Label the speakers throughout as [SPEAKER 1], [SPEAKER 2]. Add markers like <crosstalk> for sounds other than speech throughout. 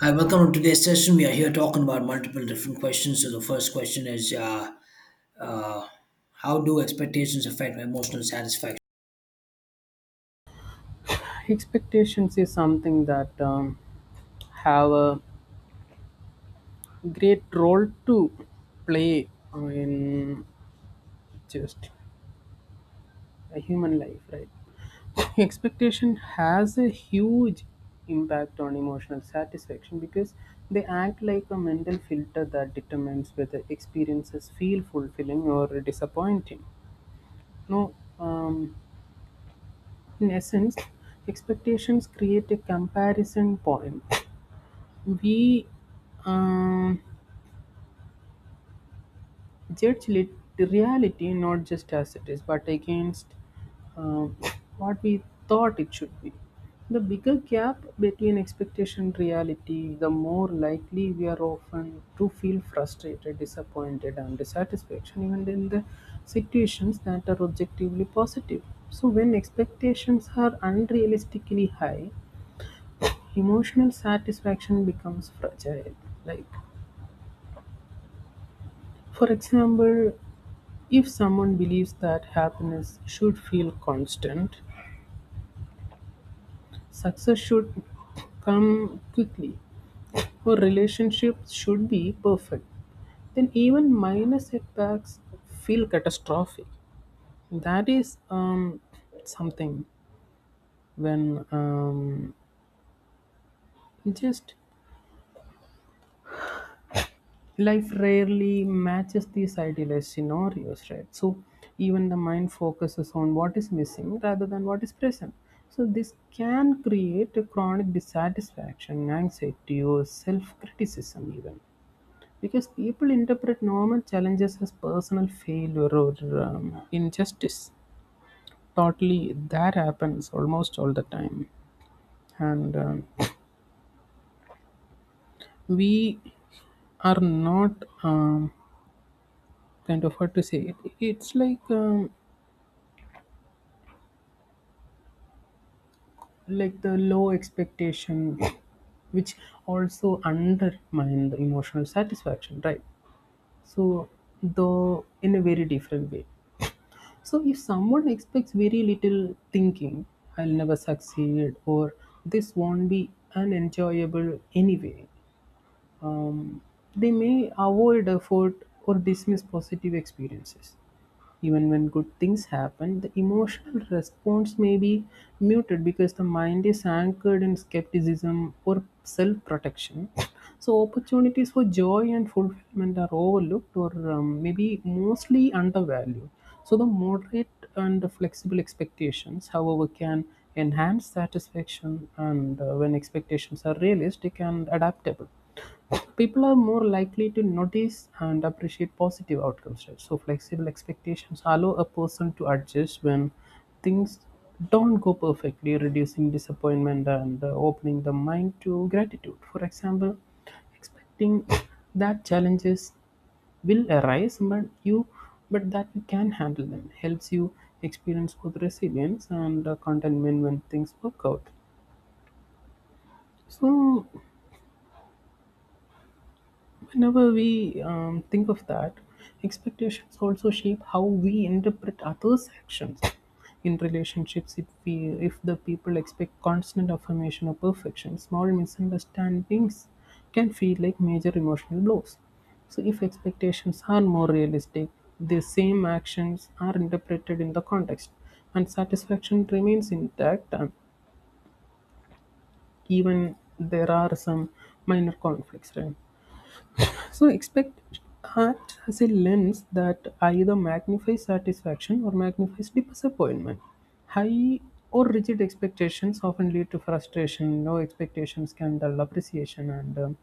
[SPEAKER 1] Hi, welcome to today's session. We are here talking about multiple different questions. So the first question is, uh, how do expectations affect emotional satisfaction?
[SPEAKER 2] Expectations is something that have a great role to play in just a human life, right? <laughs> <coughs> Expectation has a huge impact on emotional satisfaction because they act like a mental filter that determines whether experiences feel fulfilling or disappointing. No. um, in essence, expectations create a comparison point. We um, judge lit- reality not just as it is, but against uh, what we thought it should be. The bigger gap between expectation and reality, the more likely we are often to feel frustrated, disappointed, and dissatisfaction, even in the situations that are objectively positive. So, when expectations are unrealistically high, emotional satisfaction becomes fragile. Like, for example, if someone believes that happiness should feel constant, success should come quickly, or relationships should be perfect, then even minor setbacks feel catastrophic. That is something when just life rarely matches these idealized scenarios, right? So even the mind focuses on what is missing rather than what is present. So this can create a chronic dissatisfaction, anxiety, or self-criticism even, because people interpret normal challenges as personal failure or injustice. Totally, that happens almost all the time, and we are not um, kind of hard to say it. It's like the low expectation which also undermine the emotional satisfaction, right? So though in a very different way, so if someone expects very little, thinking I'll never succeed or this won't be unenjoyable anyway, um, they may avoid effort or dismiss positive experiences. Even when good things happen, the emotional response may be muted because the mind is anchored in skepticism or self protection. <laughs> So, opportunities for joy and fulfillment are overlooked or maybe mostly undervalued. So, the moderate and flexible expectations, however, can enhance satisfaction, and when expectations are realistic and adaptable, people are more likely to notice and appreciate positive outcomes. Right? So, flexible expectations allow a person to adjust when things don't go perfectly, reducing disappointment and opening the mind to gratitude. For example, expecting that challenges will arise but you but that you can handle them helps you experience both resilience and contentment when things work out. So whenever we think of that, expectations also shape how we interpret others' actions. In relationships, if the people expect constant affirmation or perfection, small misunderstandings can feel like major emotional blows. So, if expectations are more realistic, the same actions are interpreted in the context, and satisfaction remains intact, and even there are some minor conflicts. Right? So expect art has a lens that either magnifies satisfaction or magnifies disappointment. High or rigid expectations often lead to frustration. Low expectations can dull appreciation, and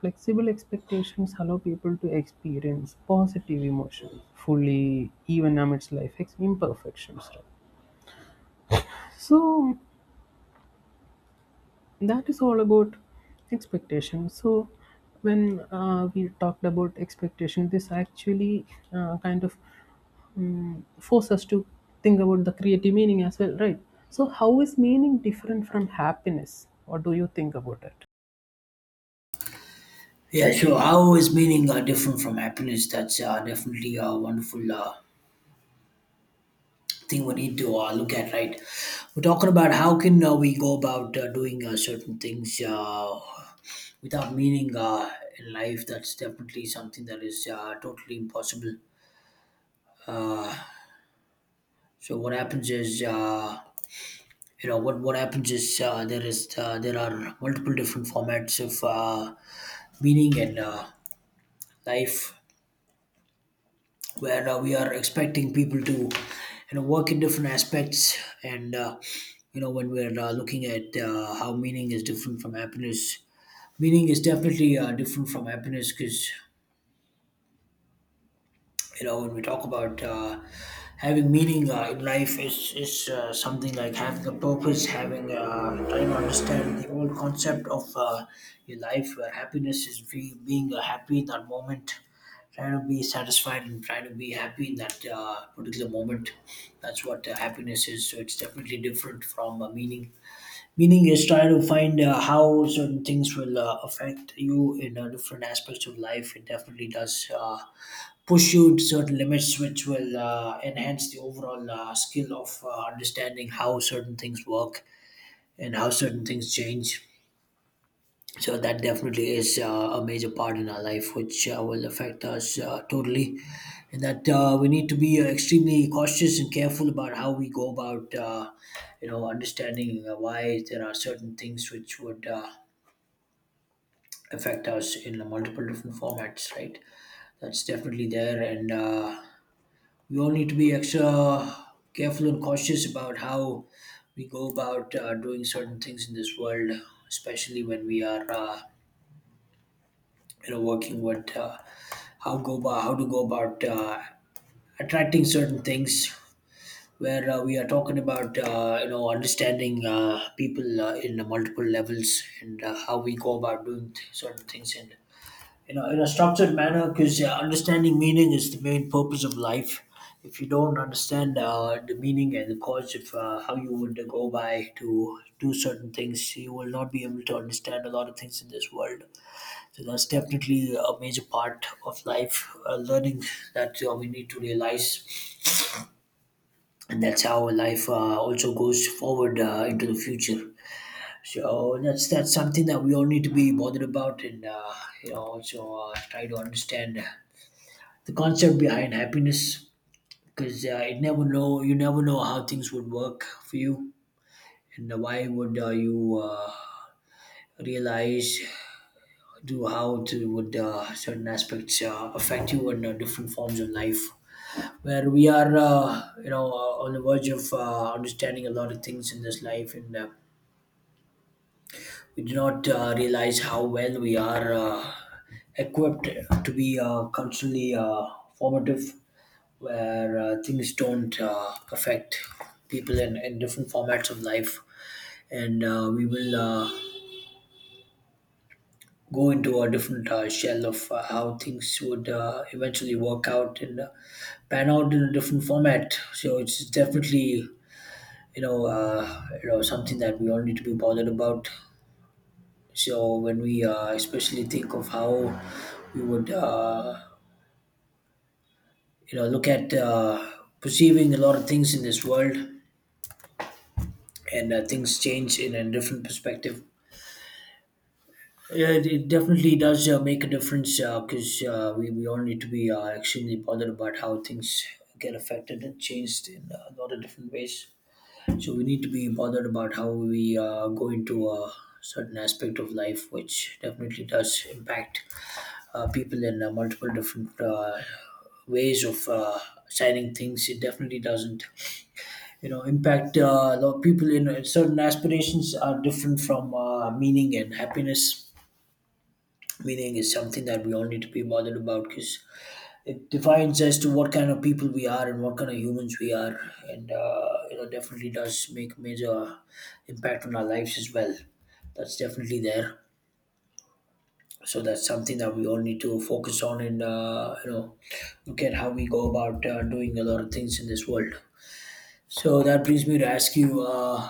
[SPEAKER 2] flexible expectations allow people to experience positive emotion fully, even amidst imperfections. Right? So that is all about expectation. So when we talked about expectation, this actually uh, kind of force us to think about the creative meaning as well, right? So how is meaning different from happiness? What do you think about it?
[SPEAKER 1] Yeah, sure. How is meaning different from happiness? That's definitely a wonderful thing we need to look at, right? We're talking about how can we go about doing certain things without meaning in life. That's definitely something that is totally impossible. So what happens is. You know, what happens is there are multiple different formats of meaning and life where we are expecting people to, you know, work in different aspects and you know, when we're looking at how meaning is different from happiness, meaning is definitely different from happiness, because, you know, when we talk about having meaning in life, is something like having a purpose, having trying to understand the whole concept of your life, where happiness is being happy in that moment, trying to be satisfied and trying to be happy in that particular moment. That's what happiness is, so it's definitely different from meaning. Meaning is try to find how certain things will affect you in different aspects of life. It definitely does push you to certain limits, which will enhance the overall skill of understanding how certain things work and how certain things change. So that definitely is a major part in our life, which will affect us totally, and that we need to be extremely cautious and careful about how we go about, you know, understanding why there are certain things which would affect us in multiple different formats, right? That's definitely there, and we all need to be extra careful and cautious about how we go about doing certain things in this world, especially when we are, you know, working with, how to go about attracting certain things, where we are talking about you know, understanding people in the multiple levels, and how we go about doing certain things in, you know, in a structured manner, because understanding meaning is the main purpose of life. If you don't understand the meaning and the cause of how you would go by to do certain things, you will not be able to understand a lot of things in this world. So that's definitely a major part of life, learning that we need to realize, and that's how life also goes forward into the future. So that's something that we all need to be bothered about, and you know, also try to understand the concept behind happiness, because it never know you never know how things would work for you, and why would you realize do how to would certain aspects affect you in different forms of life, where we are, on the verge of understanding a lot of things in this life, and we do not realize how well we are equipped to be culturally formative, where things don't affect people in different formats of life, and we will. Go into a different shell of how things would eventually work out and pan out in a different format. So it's definitely, you know, something that we all need to be bothered about. So when we especially think of how we would, you know, look at perceiving a lot of things in this world, and things change in a different perspective. Yeah, it definitely does make a difference, because we all need to be extremely bothered about how things get affected and changed in a lot of different ways. So we need to be bothered about how we go into a certain aspect of life, which definitely does impact people in multiple different ways of signing things. It definitely doesn't, you know, impact a lot of people. In certain aspirations are different from meaning and happiness. Meaning is something that we all need to be bothered about, because it defines as to what kind of people we are and what kind of humans we are, and you know, definitely does make major impact on our lives as well. That's definitely there. So that's something that we all need to focus on, and you know, look at how we go about doing a lot of things in this world. So that brings me to ask you,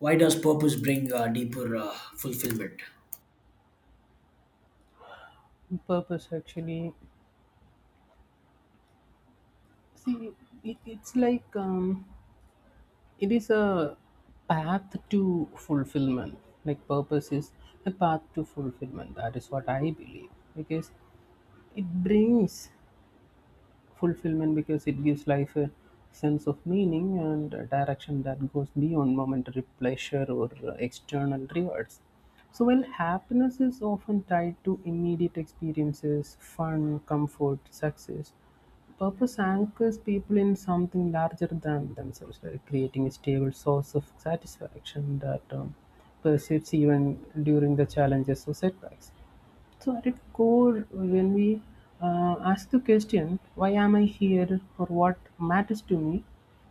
[SPEAKER 1] why does purpose bring deeper fulfillment?
[SPEAKER 2] Purpose actually, see, it's like it is a path to fulfillment. Like purpose is a path to fulfillment, that is what I believe, because it brings fulfillment, because it gives life a sense of meaning and a direction that goes beyond momentary pleasure or external rewards. So, while happiness is often tied to immediate experiences, fun, comfort, success, purpose anchors people in something larger than themselves, like creating a stable source of satisfaction that persists even during the challenges or setbacks. So, at its core, when we ask the question, why am I here or what matters to me,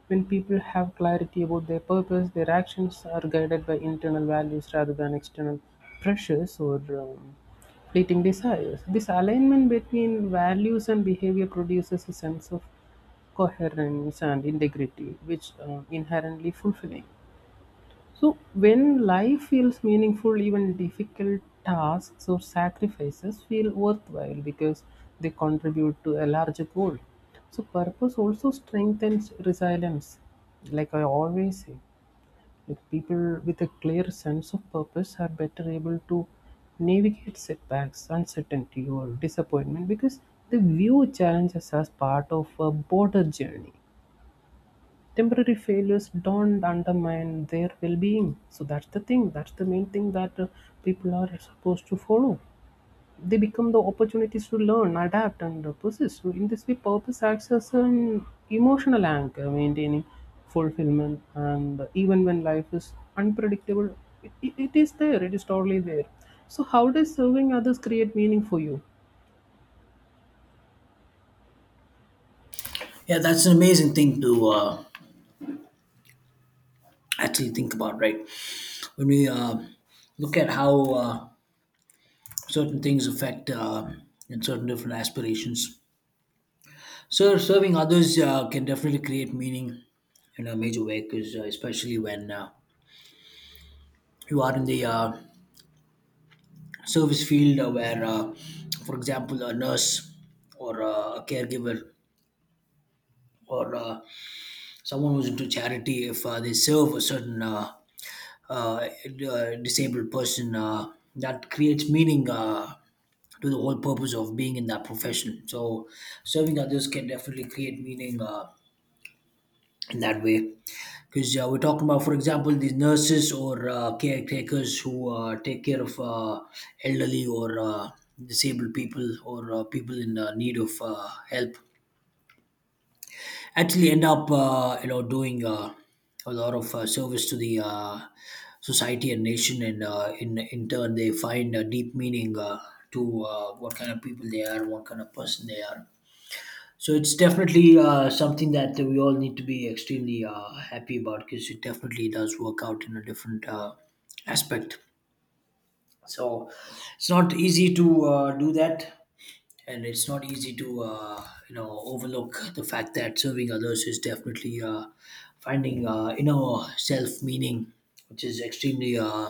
[SPEAKER 2] when people have clarity about their purpose, their actions are guided by internal values rather than external pressures or fleeting desires. This alignment between values and behavior produces a sense of coherence and integrity, which inherently fulfilling. So, when life feels meaningful, even difficult tasks or sacrifices feel worthwhile because they contribute to a larger goal. So, purpose also strengthens resilience. Like I always say, like people with a clear sense of purpose are better able to navigate setbacks, uncertainty, or disappointment because they view challenges as part of a broader journey. Temporary failures don't undermine their well-being. So that's the thing, that's the main thing that people are supposed to follow. They become the opportunities to learn, adapt, and persist. So in this way purpose acts as an emotional anchor, maintaining fulfillment and even when life is unpredictable, it is there, it is totally there. So how does serving others create meaning for you?
[SPEAKER 1] Yeah, that's an amazing thing to actually think about, right? When we look at how certain things affect and certain different aspirations. So serving others can definitely create meaning in a major way, because especially when you are in the service field, where, for example, a nurse or a caregiver or someone who's into charity, if they serve a certain a disabled person, that creates meaning to the whole purpose of being in that profession. So serving others can definitely create meaning in that way, because we're talking about, for example, these nurses or caretakers who take care of elderly or disabled people or people in need of help actually end up you know, doing a lot of service to the society and nation, and in turn they find a deep meaning to what kind of people they are, what kind of person they are. So it's definitely something that we all need to be extremely happy about, because it definitely does work out in a different aspect. So it's not easy to do that, and it's not easy to you know, overlook the fact that serving others is definitely finding inner self meaning, which is extremely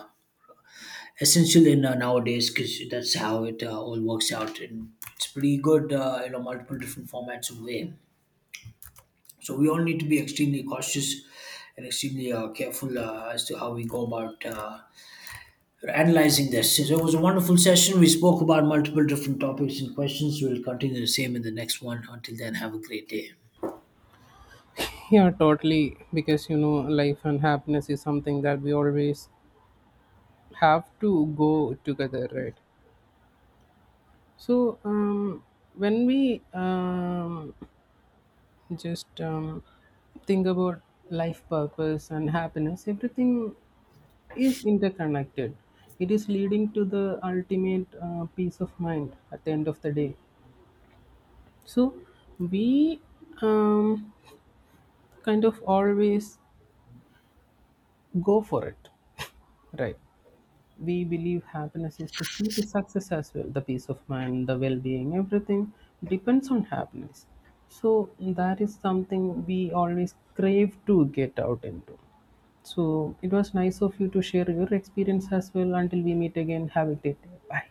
[SPEAKER 1] essential in nowadays, because that's how it all works out, and it's pretty good, you know, multiple different formats of way. So we all need to be extremely cautious and extremely careful as to how we go about. Analyzing this. So it was a wonderful session. We spoke about multiple different topics and questions. We'll continue the same in the next one. Until then, have a great day.
[SPEAKER 2] Yeah, totally. Because you know, life and happiness is something that we always have to go together, right? So when we just think about life, purpose, and happiness, everything is interconnected. It is leading to the ultimate peace of mind at the end of the day. So we um, kind of always go for it, right? We believe happiness is the key to success as well. The peace of mind, the well-being, everything depends on happiness. So that is something we always crave to get out into. So it was nice of you to share your experience as well. Until we meet again, have a great day. Bye.